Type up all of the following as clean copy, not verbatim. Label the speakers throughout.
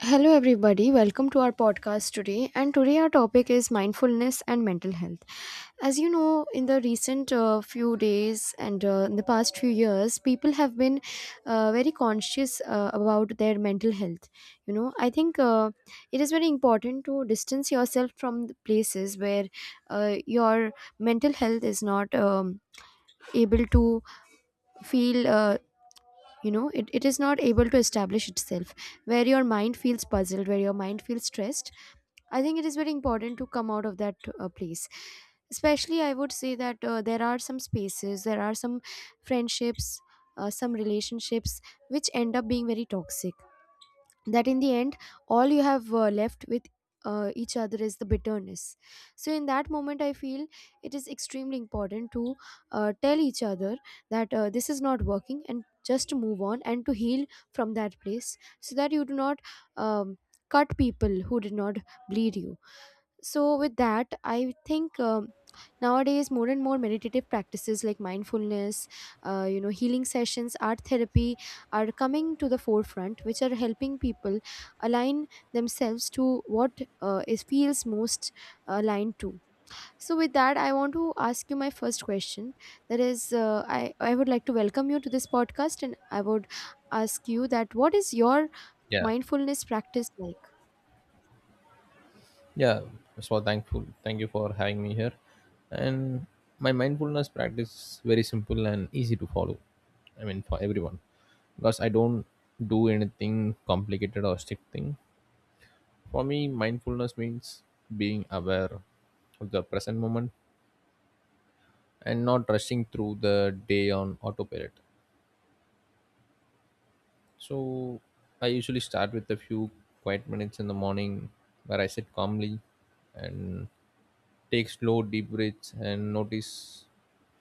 Speaker 1: Hello, everybody. Welcome to our podcast today. And today, our topic is mindfulness and mental health. As you know, in the recent few days and in the past few years, people have been very conscious about their mental health. You know, I think It is very important to distance yourself from the places where your mental health is not able to feel it is not able to establish itself, where your mind feels puzzled, where your mind feels stressed. I think it is very important to come out of that place. Especially, I would say that there are some spaces, there are some friendships, some relationships which end up being very toxic, that in the end all you have left with each other is the bitterness. So in that moment I feel it is extremely important to tell each other that this is not working, and just to move on and to heal from that place, so that you do not um, cut people who did not bleed you. So with that, I think nowadays more and more meditative practices like mindfulness, you know, healing sessions, art therapy, are coming to the forefront, which are helping people align themselves to what is feels most aligned to. So with that, I want to ask you my first question, that is, I would like to welcome you to this podcast, and I would ask you that, what is your
Speaker 2: yeah
Speaker 1: mindfulness practice like?
Speaker 2: yeah so thankful thank you for having me here. And my mindfulness practice is very simple and easy to follow, I mean for everyone, because I don't do anything complicated or strict thing. For me mindfulness means being aware of the present moment and not rushing through the day on autopilot. So I usually start with a few quiet minutes in the morning, where I sit calmly and take slow, deep breaths, and notice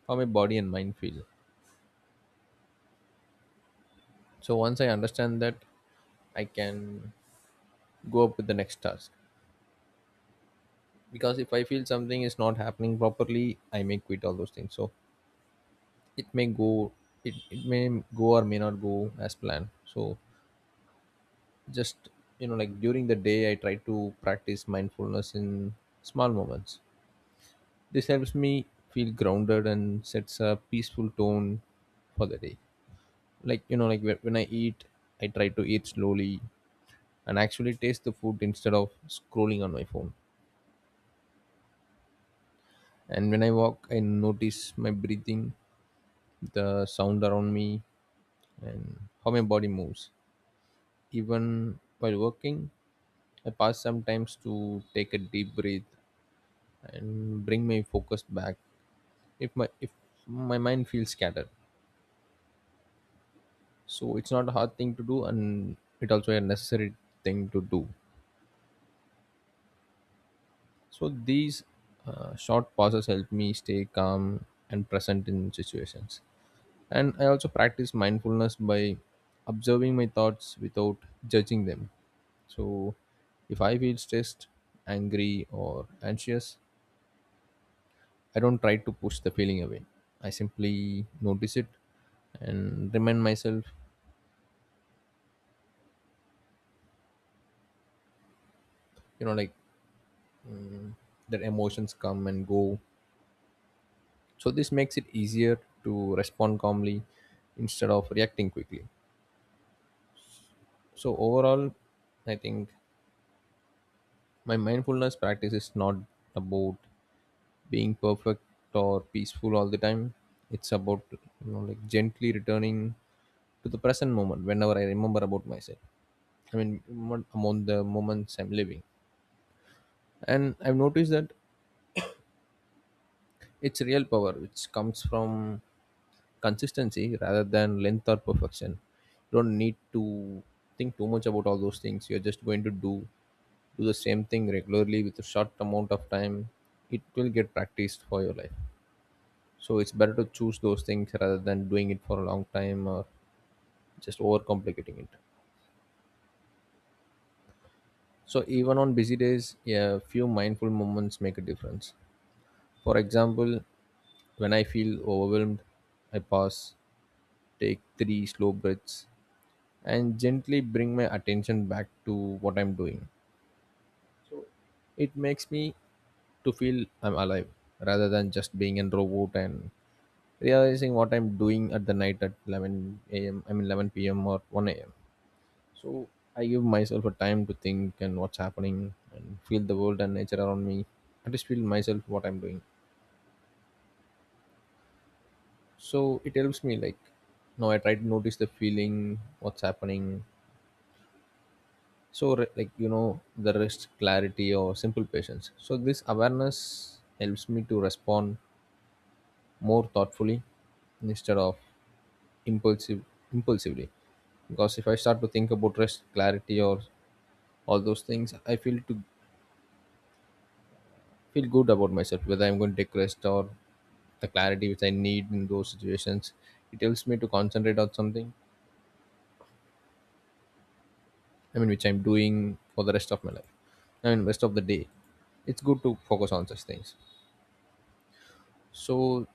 Speaker 2: how my body and mind feel. So once I understand that, I can go up with the next task. Because if I feel something is not happening properly, I may quit all those things. So it may go, it may go or may not go as planned. So just, you know, like during the day, I try to practice mindfulness in small moments. This helps me feel grounded and sets a peaceful tone for the day. Like you know like when I eat, I try to eat slowly and actually taste the food instead of scrolling on my phone. And when I walk, I notice my breathing, the sound around me, and how my body moves. Even while working, I pause sometimes to take a deep breath and bring my focus back if my mind feels scattered. So it's not a hard thing to do, and it also a necessary thing to do. So these short pauses help me stay calm and present in situations. And I also practice mindfulness by observing my thoughts without judging them. So if I feel stressed, angry, or anxious, I don't try to push the feeling away. I simply notice it and remind myself, you know, like that emotions come and go. So this makes it easier to respond calmly instead of reacting quickly. So overall, I think my mindfulness practice is not about being perfect or peaceful all the time. It's about you know like gently returning to the present moment whenever I remember about myself. I mean among the moments I'm living, and I've noticed that it's real power which comes from consistency rather than length or perfection. You don't need to think too much about all those things. You're just going to do the same thing regularly with a short amount of time, it will get practiced for your life. So it's better to choose those things rather than doing it for a long time or just overcomplicating it. So even on busy days, a few mindful moments make a difference. For example, when I feel overwhelmed, I pause, take three slow breaths, and gently bring my attention back to what I'm doing. It makes me to feel I'm alive rather than just being a robot and realizing what I'm doing at the night at 11 a.m. I mean 11 p.m. or 1 a.m. So I give myself a time to think and what's happening and feel the world and nature around me. I just feel myself what I'm doing. So it helps me like now I try to notice the feeling, what's happening. So like you know the rest, clarity or simple patience. So this awareness helps me to respond more thoughtfully instead of impulsive impulsively, because if I start to think about rest, clarity or all those things, I feel to feel good about myself whether I'm going to take rest or the clarity which I need in those situations. It helps me to concentrate on something, I mean which I'm doing for the rest of my life, I mean rest of the day. It's good to focus on such things. So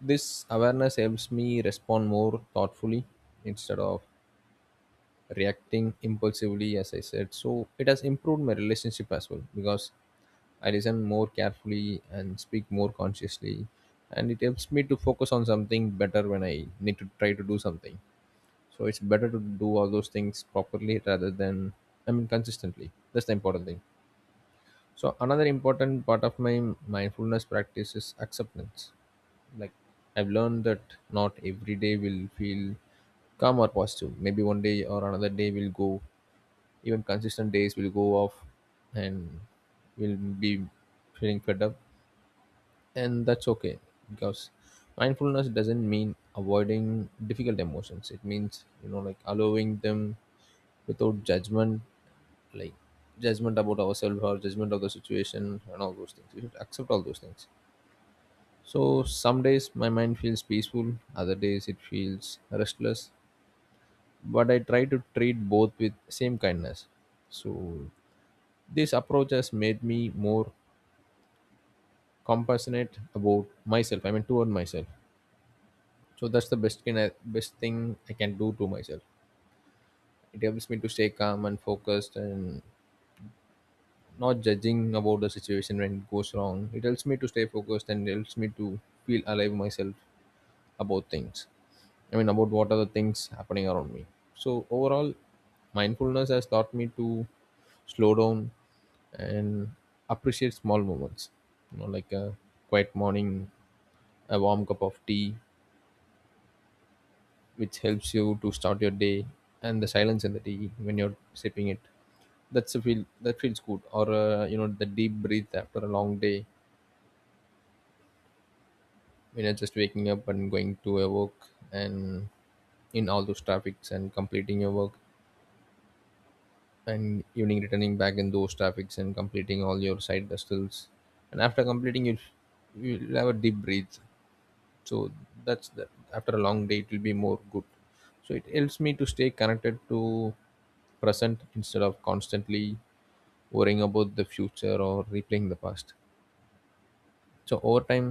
Speaker 2: this awareness helps me respond more thoughtfully instead of reacting impulsively, as I said. So it has improved my relationship as well, because I listen more carefully and speak more consciously, and it helps me to focus on something better when I need to try to do something. So it's better to do all those things properly rather than, I mean, consistently. That's the important thing. So another important part of my mindfulness practice is acceptance. Like I've learned that not every day will feel calm or positive. Maybe one day or another day will go. Even consistent days will go off, and will be feeling fed up, and that's okay, because mindfulness doesn't mean avoiding difficult emotions, it means you know like allowing them without judgment, like judgment about ourselves or judgment of the situation, and all those things we should accept all those things. So some days my mind feels peaceful, other days it feels restless, but I try to treat both with same kindness. So this approach has made me more compassionate about myself, I mean toward myself. So that's the best thing I can do to myself. It helps me to stay calm and focused and not judging about the situation when it goes wrong. It helps me to stay focused and helps me to feel alive myself about things. I mean about what are the things happening around me. So overall mindfulness has taught me to slow down and appreciate small moments. You know, like a quiet morning, a warm cup of tea, which helps you to start your day, and the silence in the tea when you're sipping it, that's a feel that feels good. Or you know the deep breath after a long day, when you're just waking up and going to a work and in all those traffics and completing your work, and evening returning back in those traffics and completing all your side hustles, and after completing you you'll have a deep breath. So that's the, after a long day it will be more good. So it helps me to stay connected to present instead of constantly worrying about the future or replaying the past. So over time,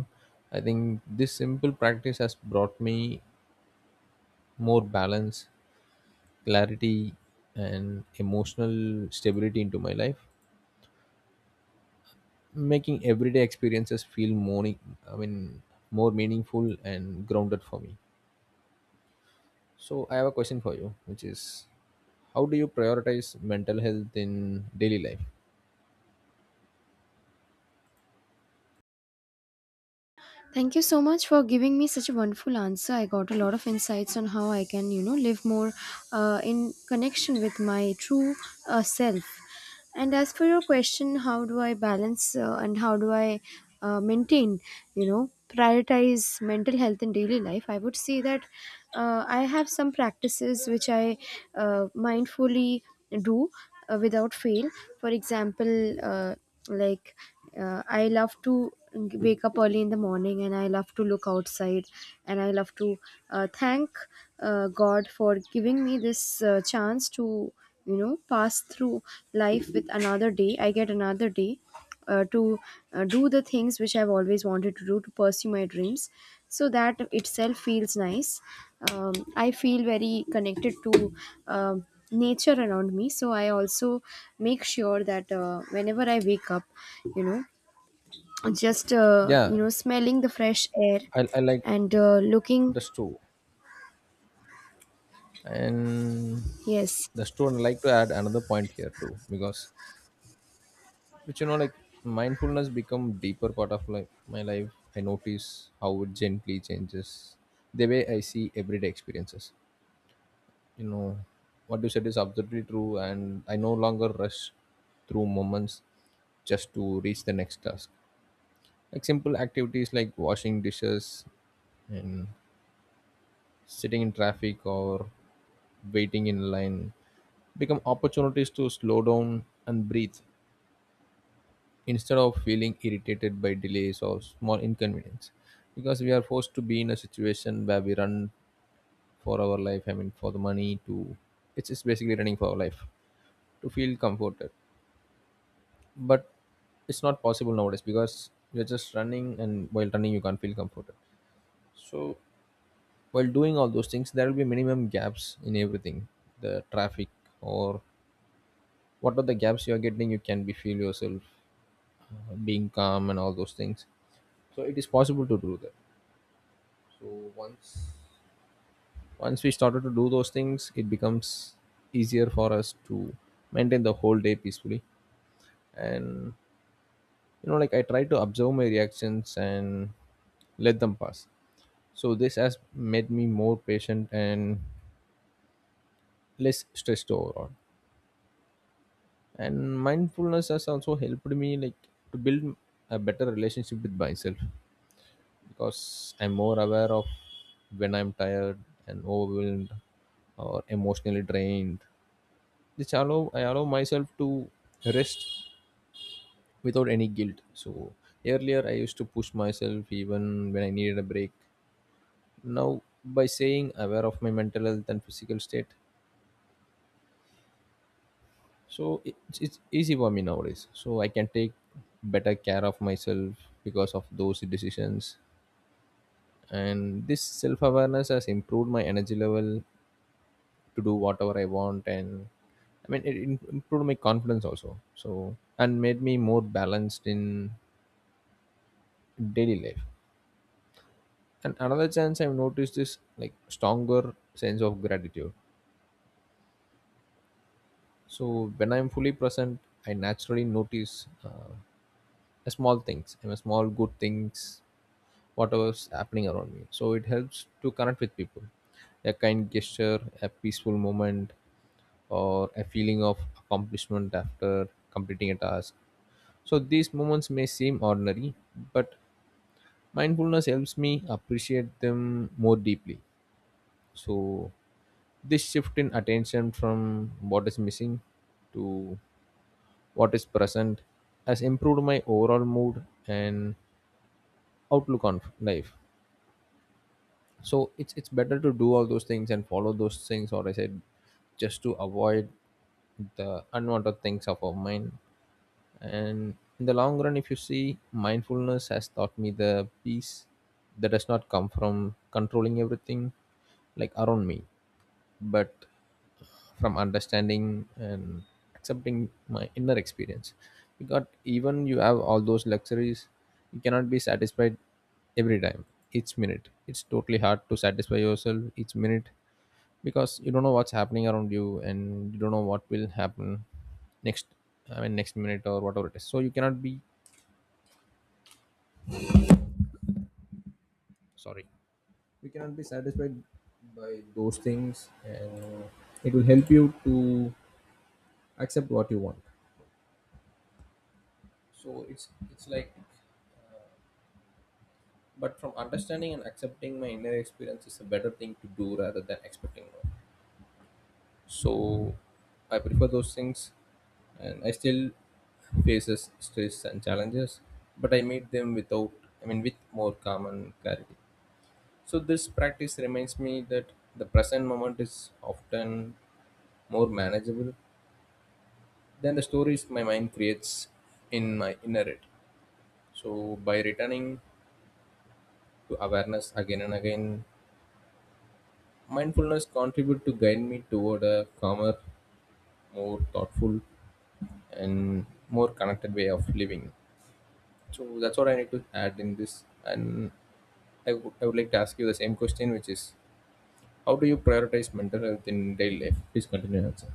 Speaker 2: I think this simple practice has brought me more balance, clarity, and emotional stability into my life, making everyday experiences feel more, I mean, more meaningful and grounded for me. So I have a question for you, which is how do you prioritize mental health in daily life?
Speaker 1: Thank you so much for giving me such a wonderful answer. I got a lot of insights on how I can, you know, live more in connection with my true self. And as for your question, how do I balance and how do I maintain, you know, prioritize mental health in daily life? I would say that I have some practices which I mindfully do without fail. For example, like I love to wake up early in the morning, and I love to look outside, and I love to thank God for giving me this chance to, you know, pass through life with another day. I get another day to do the things which I've always wanted to do, to pursue my dreams. So that itself feels nice. I feel very connected to um, nature around me, so I also make sure that whenever I wake up, you know, just
Speaker 2: Yeah,
Speaker 1: smelling the fresh air
Speaker 2: I like
Speaker 1: and looking.
Speaker 2: the too. And
Speaker 1: Yes.
Speaker 2: the too, I like to add another point here too, because which you know like mindfulness become deeper part of like my life. I notice how it gently changes the way I see everyday experiences. You know, what you said is absolutely true, and I no longer rush through moments just to reach the next task. Like simple activities like washing dishes and sitting in traffic or waiting in line become opportunities to slow down and breathe instead of feeling irritated by delays or small inconvenience, because we are forced to be in a situation where we run for our life, I mean for the money to, it's just basically running for our life to feel comforted. But it's not possible nowadays, because you're just running and while running you can't feel comforted. So while doing all those things there will be minimum gaps in everything, the traffic or what are the gaps you are getting, you can be feel yourself being calm and all those things. So it is possible to do that. So once we started to do those things, it becomes easier for us to maintain the whole day peacefully. And you know like I try to observe my reactions and let them pass. So this has made me more patient and less stressed overall. And mindfulness has also helped me like to build a better relationship with myself, because I'm more aware of when I'm tired and overwhelmed or emotionally drained. This allow myself to rest without any guilt. So earlier I used to push myself even when I needed a break, now by saying aware of my mental health and physical state. So it's easy for me nowadays, so I can take better care of myself because of those decisions. And this self-awareness has improved my energy level to do whatever I want, and I mean it improved my confidence also, so and made me more balanced in daily life. And another chance I've noticed is like stronger sense of gratitude. So when I'm fully present, I naturally notice small things, I mean, small good things, whatever's happening around me. So it helps to connect with people. A kind gesture, a peaceful moment, or a feeling of accomplishment after completing a task. So these moments may seem ordinary, but mindfulness helps me appreciate them more deeply. So this shift in attention from what is missing to what is present has improved my overall mood and outlook on life. So it's better to do all those things and follow those things or I said just to avoid the unwanted things of our mind. And in the long run, if you see, mindfulness has taught me the peace that does not come from controlling everything like around me, but from understanding and accepting my inner experience. Because even you have all those luxuries, you cannot be satisfied every time, each minute. It's totally hard to satisfy yourself each minute because you don't know what's happening around you and you don't know what will happen next. I mean next minute or whatever it is, so you cannot be, sorry, you cannot be satisfied by those things, and it will help you to accept what you want. So it's like, but from understanding and accepting my inner experience is a better thing to do rather than expecting more. So I prefer those things, and I still faces stress and challenges, but I meet them without, I mean, with more calm and clarity. So this practice reminds me that the present moment is often more manageable than the stories my mind creates in my inner it. So by returning to awareness again and again, mindfulness contribute to guide me toward a calmer, more thoughtful, and more connected way of living. So that's what I need to add in this. And I would like to ask you the same question, which is, how do you prioritize mental health in daily life? Please continue answer.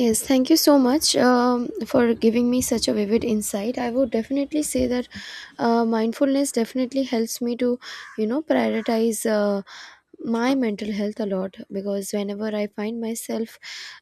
Speaker 1: Yes, thank you so much for giving me such a vivid insight. I would definitely say that mindfulness definitely helps me to, you know, prioritize my mental health a lot, because whenever I find myself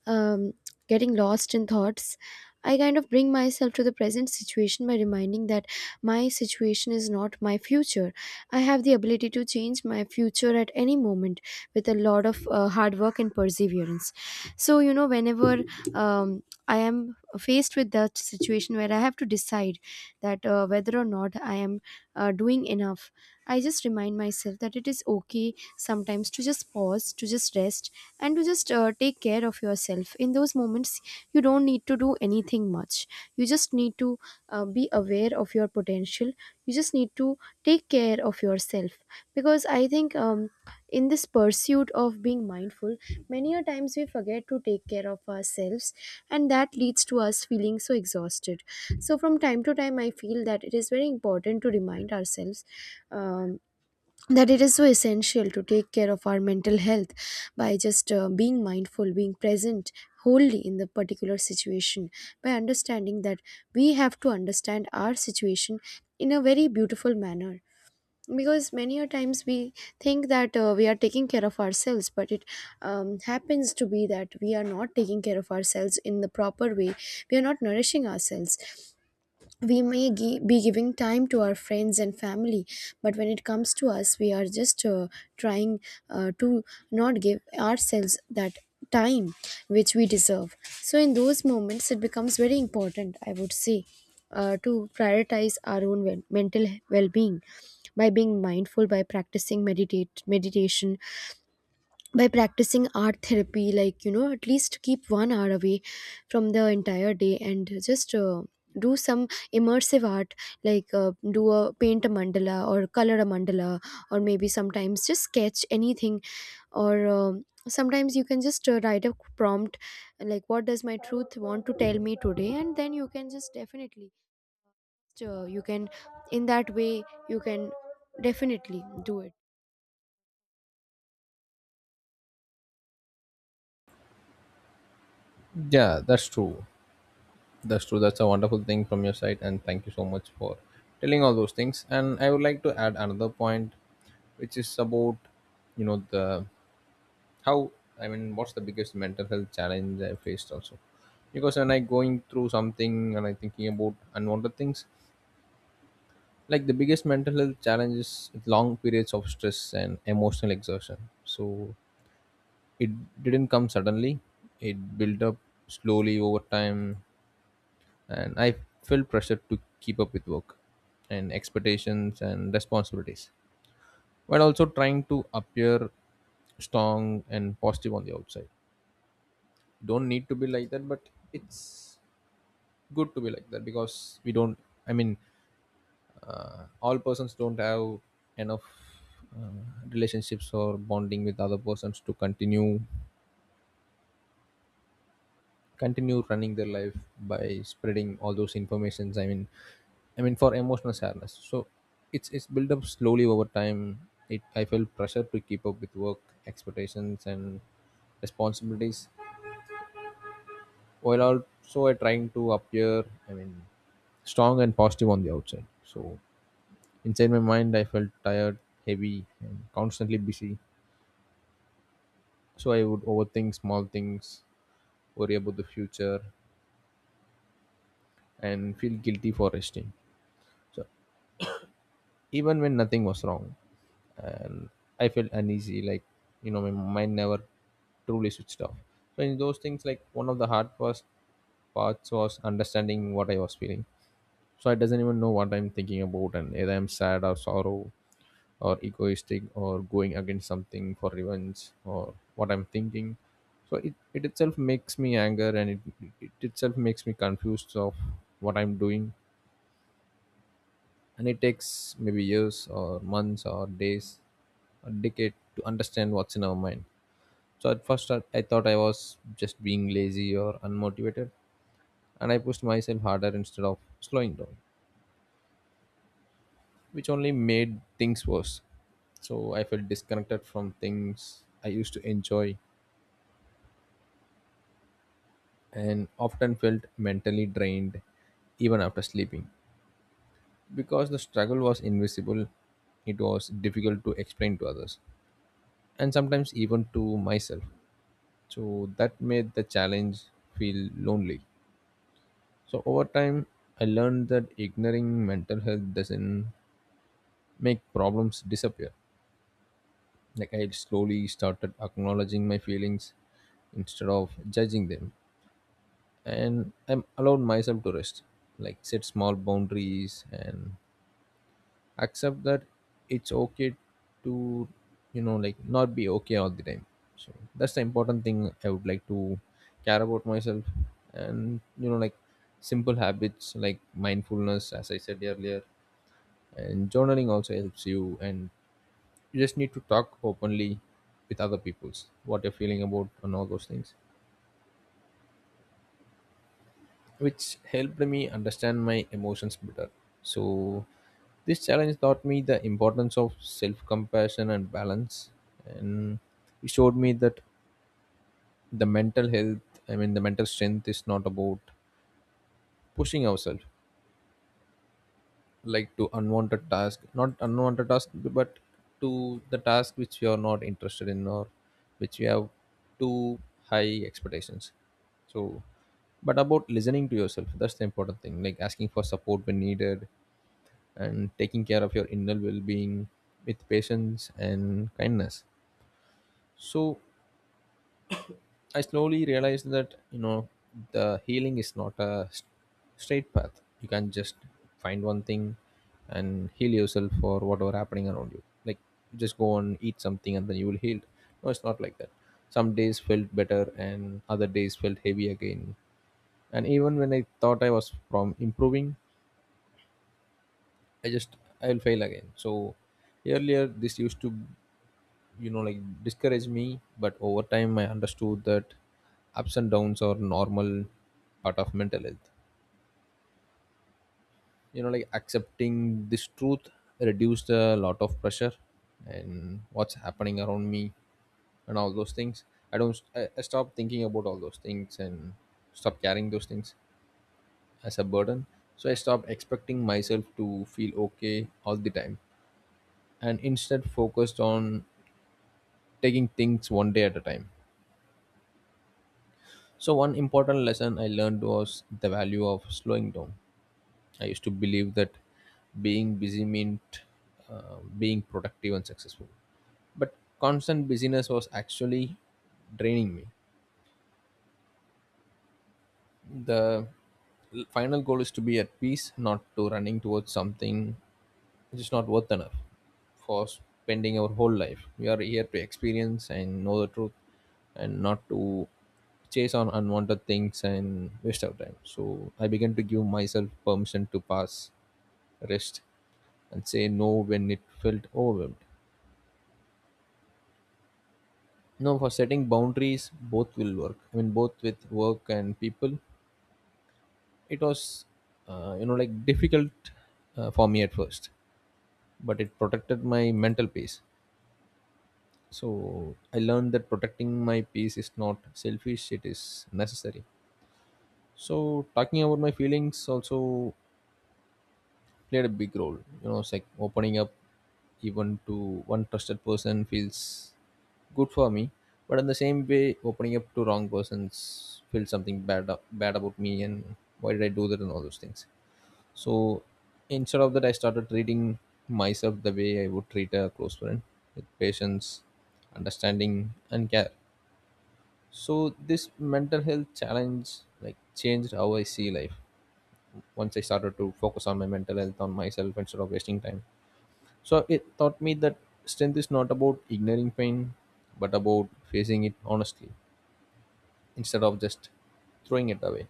Speaker 1: um, getting lost in thoughts, I kind of bring myself to the present situation by reminding that my situation is not my future. I have the ability to change my future at any moment with a lot of hard work and perseverance. So, you know, whenever I am faced with that situation where I have to decide that whether or not I am doing enough, I just remind myself that it is okay sometimes to just pause, to just rest, and to just take care of yourself. In those moments, you don't need to do anything much. You just need to be aware of your potential. You just need to take care of yourself. Because I think in this pursuit of being mindful, many a times we forget to take care of ourselves, and that leads to us feeling so exhausted. So, from time to time, I feel that it is very important to remind ourselves um, that it is so essential to take care of our mental health by just being mindful, being present wholly in the particular situation, by understanding that we have to understand our situation in a very beautiful manner, because many a times we think that we are taking care of ourselves, but it happens to be that we are not taking care of ourselves in the proper way. We are not nourishing ourselves. We may be giving time to our friends and family, but when it comes to us, we are just trying to not give ourselves that time which we deserve. So in those moments it becomes very important, I would say, to prioritize our own mental well-being by being mindful, by practicing meditate meditation, by practicing art therapy, like, you know, at least keep 1 hour away from the entire day and just do some immersive art, like, do a paint a mandala or color a mandala, or maybe sometimes just sketch anything, or sometimes you can just write a prompt like, what does my truth want to tell me today? And then you can just definitely, you can in that way, you can definitely do it.
Speaker 2: Yeah, that's true. That's true. That's a wonderful thing from your side, and thank you so much for telling all those things. And I would like to add another point, which is about, you know, the how, I mean what's the biggest mental health challenge I faced also. Because when I going through something and I thinking about unwanted things, like the biggest mental health challenge is long periods of stress and emotional exertion. So it didn't come suddenly, it built up slowly over time, and I felt pressure to keep up with work and expectations and responsibilities while also trying to appear strong and positive on the outside. Don't need to be like that, but it's good to be like that, because we don't, I mean, all persons don't have enough uh, relationships or bonding with other persons to continue continue running their life by spreading all those informations. I mean for emotional sadness. So it's built up slowly over time. It, I felt pressure to keep up with work, expectations, and responsibilities while also I trying to appear, I mean, strong and positive on the outside. So inside my mind, I felt tired, heavy, and constantly busy. So I would overthink small things, worry about the future, and feel guilty for resting. So even when nothing was wrong, and I felt uneasy, like, you know, my mind never truly switched off. So in those things, like one of the hard first parts was understanding what I was feeling. So I doesn't even know what I'm thinking about, and either I'm sad or sorrow or egoistic or going against something for revenge or what I'm thinking. So it itself makes me anger, and it itself makes me confused of what I'm doing, and it takes maybe years or months or days, a decade to understand what's in our mind. So at first I thought I was just being lazy or unmotivated, and I pushed myself harder instead of slowing down, which only made things worse. So I felt disconnected from things I used to enjoy and often felt mentally drained even after sleeping. Because the struggle was invisible, it was difficult to explain to others and sometimes even to myself. So that made the challenge feel lonely. So over time, I learned that ignoring mental health doesn't make problems disappear. Like I slowly started acknowledging my feelings instead of judging them, and I am allowed myself to rest, like set small boundaries, and accept that it's okay to, you know, like not be okay all the time. So that's the important thing. I would like to care about myself, and, you know, like simple habits like mindfulness, as I said earlier, and journaling also helps you. And you just need to talk openly with other people's what you're feeling about and all those things, which helped me understand my emotions better. So this challenge taught me the importance of self-compassion and balance, and it showed me that the mental health, I mean the mental strength, is not about pushing ourselves like to unwanted task, not unwanted task, but to the task which you are not interested in, or which you have too high expectations. So but about listening to yourself, that's the important thing, like asking for support when needed and taking care of your inner well-being with patience and kindness. So I slowly realized that, you know, the healing is not a straight path. You can't just find one thing and heal yourself for whatever happening around you. Like you just go and eat something and then you will heal. No, it's not like that. Some days felt better and other days felt heavy again. And even when I thought I was from improving, I just I'll fail again. So earlier this used to, you know, like discouraged me, but over time I understood that ups and downs are normal part of mental health. You know, like accepting this truth reduced a lot of pressure. And what's happening around me and all those things, I don't I stopped thinking about all those things and stopped carrying those things as a burden. So I stopped expecting myself to feel okay all the time and instead focused on taking things one day at a time. So, one important lesson I learned was the value of slowing down. I used to believe that being busy meant being productive and successful. But constant busyness was actually draining me. The final goal is to be at peace, not to running towards something which is not worth enough for spending our whole life. We are here to experience and know the truth and not to chase on unwanted things and waste our time. So I began to give myself permission to pass, rest, and say no when it felt overwhelmed. No, for setting boundaries, both will work. I mean, both with work and people. It was you know, like difficult for me at first, but it protected my mental peace. So I learned that protecting my peace is not selfish, it is necessary. So talking about my feelings also played a big role. You know, it's like opening up even to one trusted person feels good for me. But in the same way, opening up to wrong persons feels something bad bad about me, and why did I do that, and all those things. So instead of that, I started treating myself the way I would treat a close friend, with patience, understanding, and care. So this mental health challenge like changed how I see life. Once I started to focus on my mental health on myself instead of wasting time. So it taught me that strength is not about ignoring pain, but about facing it honestly instead of just throwing it away.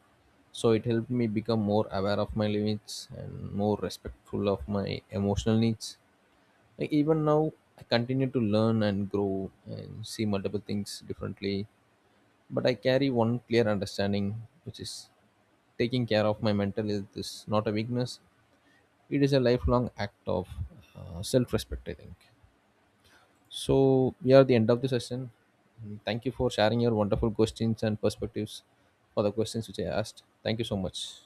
Speaker 2: So it helped me become more aware of my limits and more respectful of my emotional needs. Like even now, I continue to learn and grow and see multiple things differently. But I carry one clear understanding, which is taking care of my mental health is not a weakness, it is a lifelong act of self respect, I think. So we are at the end of the session. Mm, thank you for sharing your wonderful questions and perspectives for the questions which I asked. Thank you so much.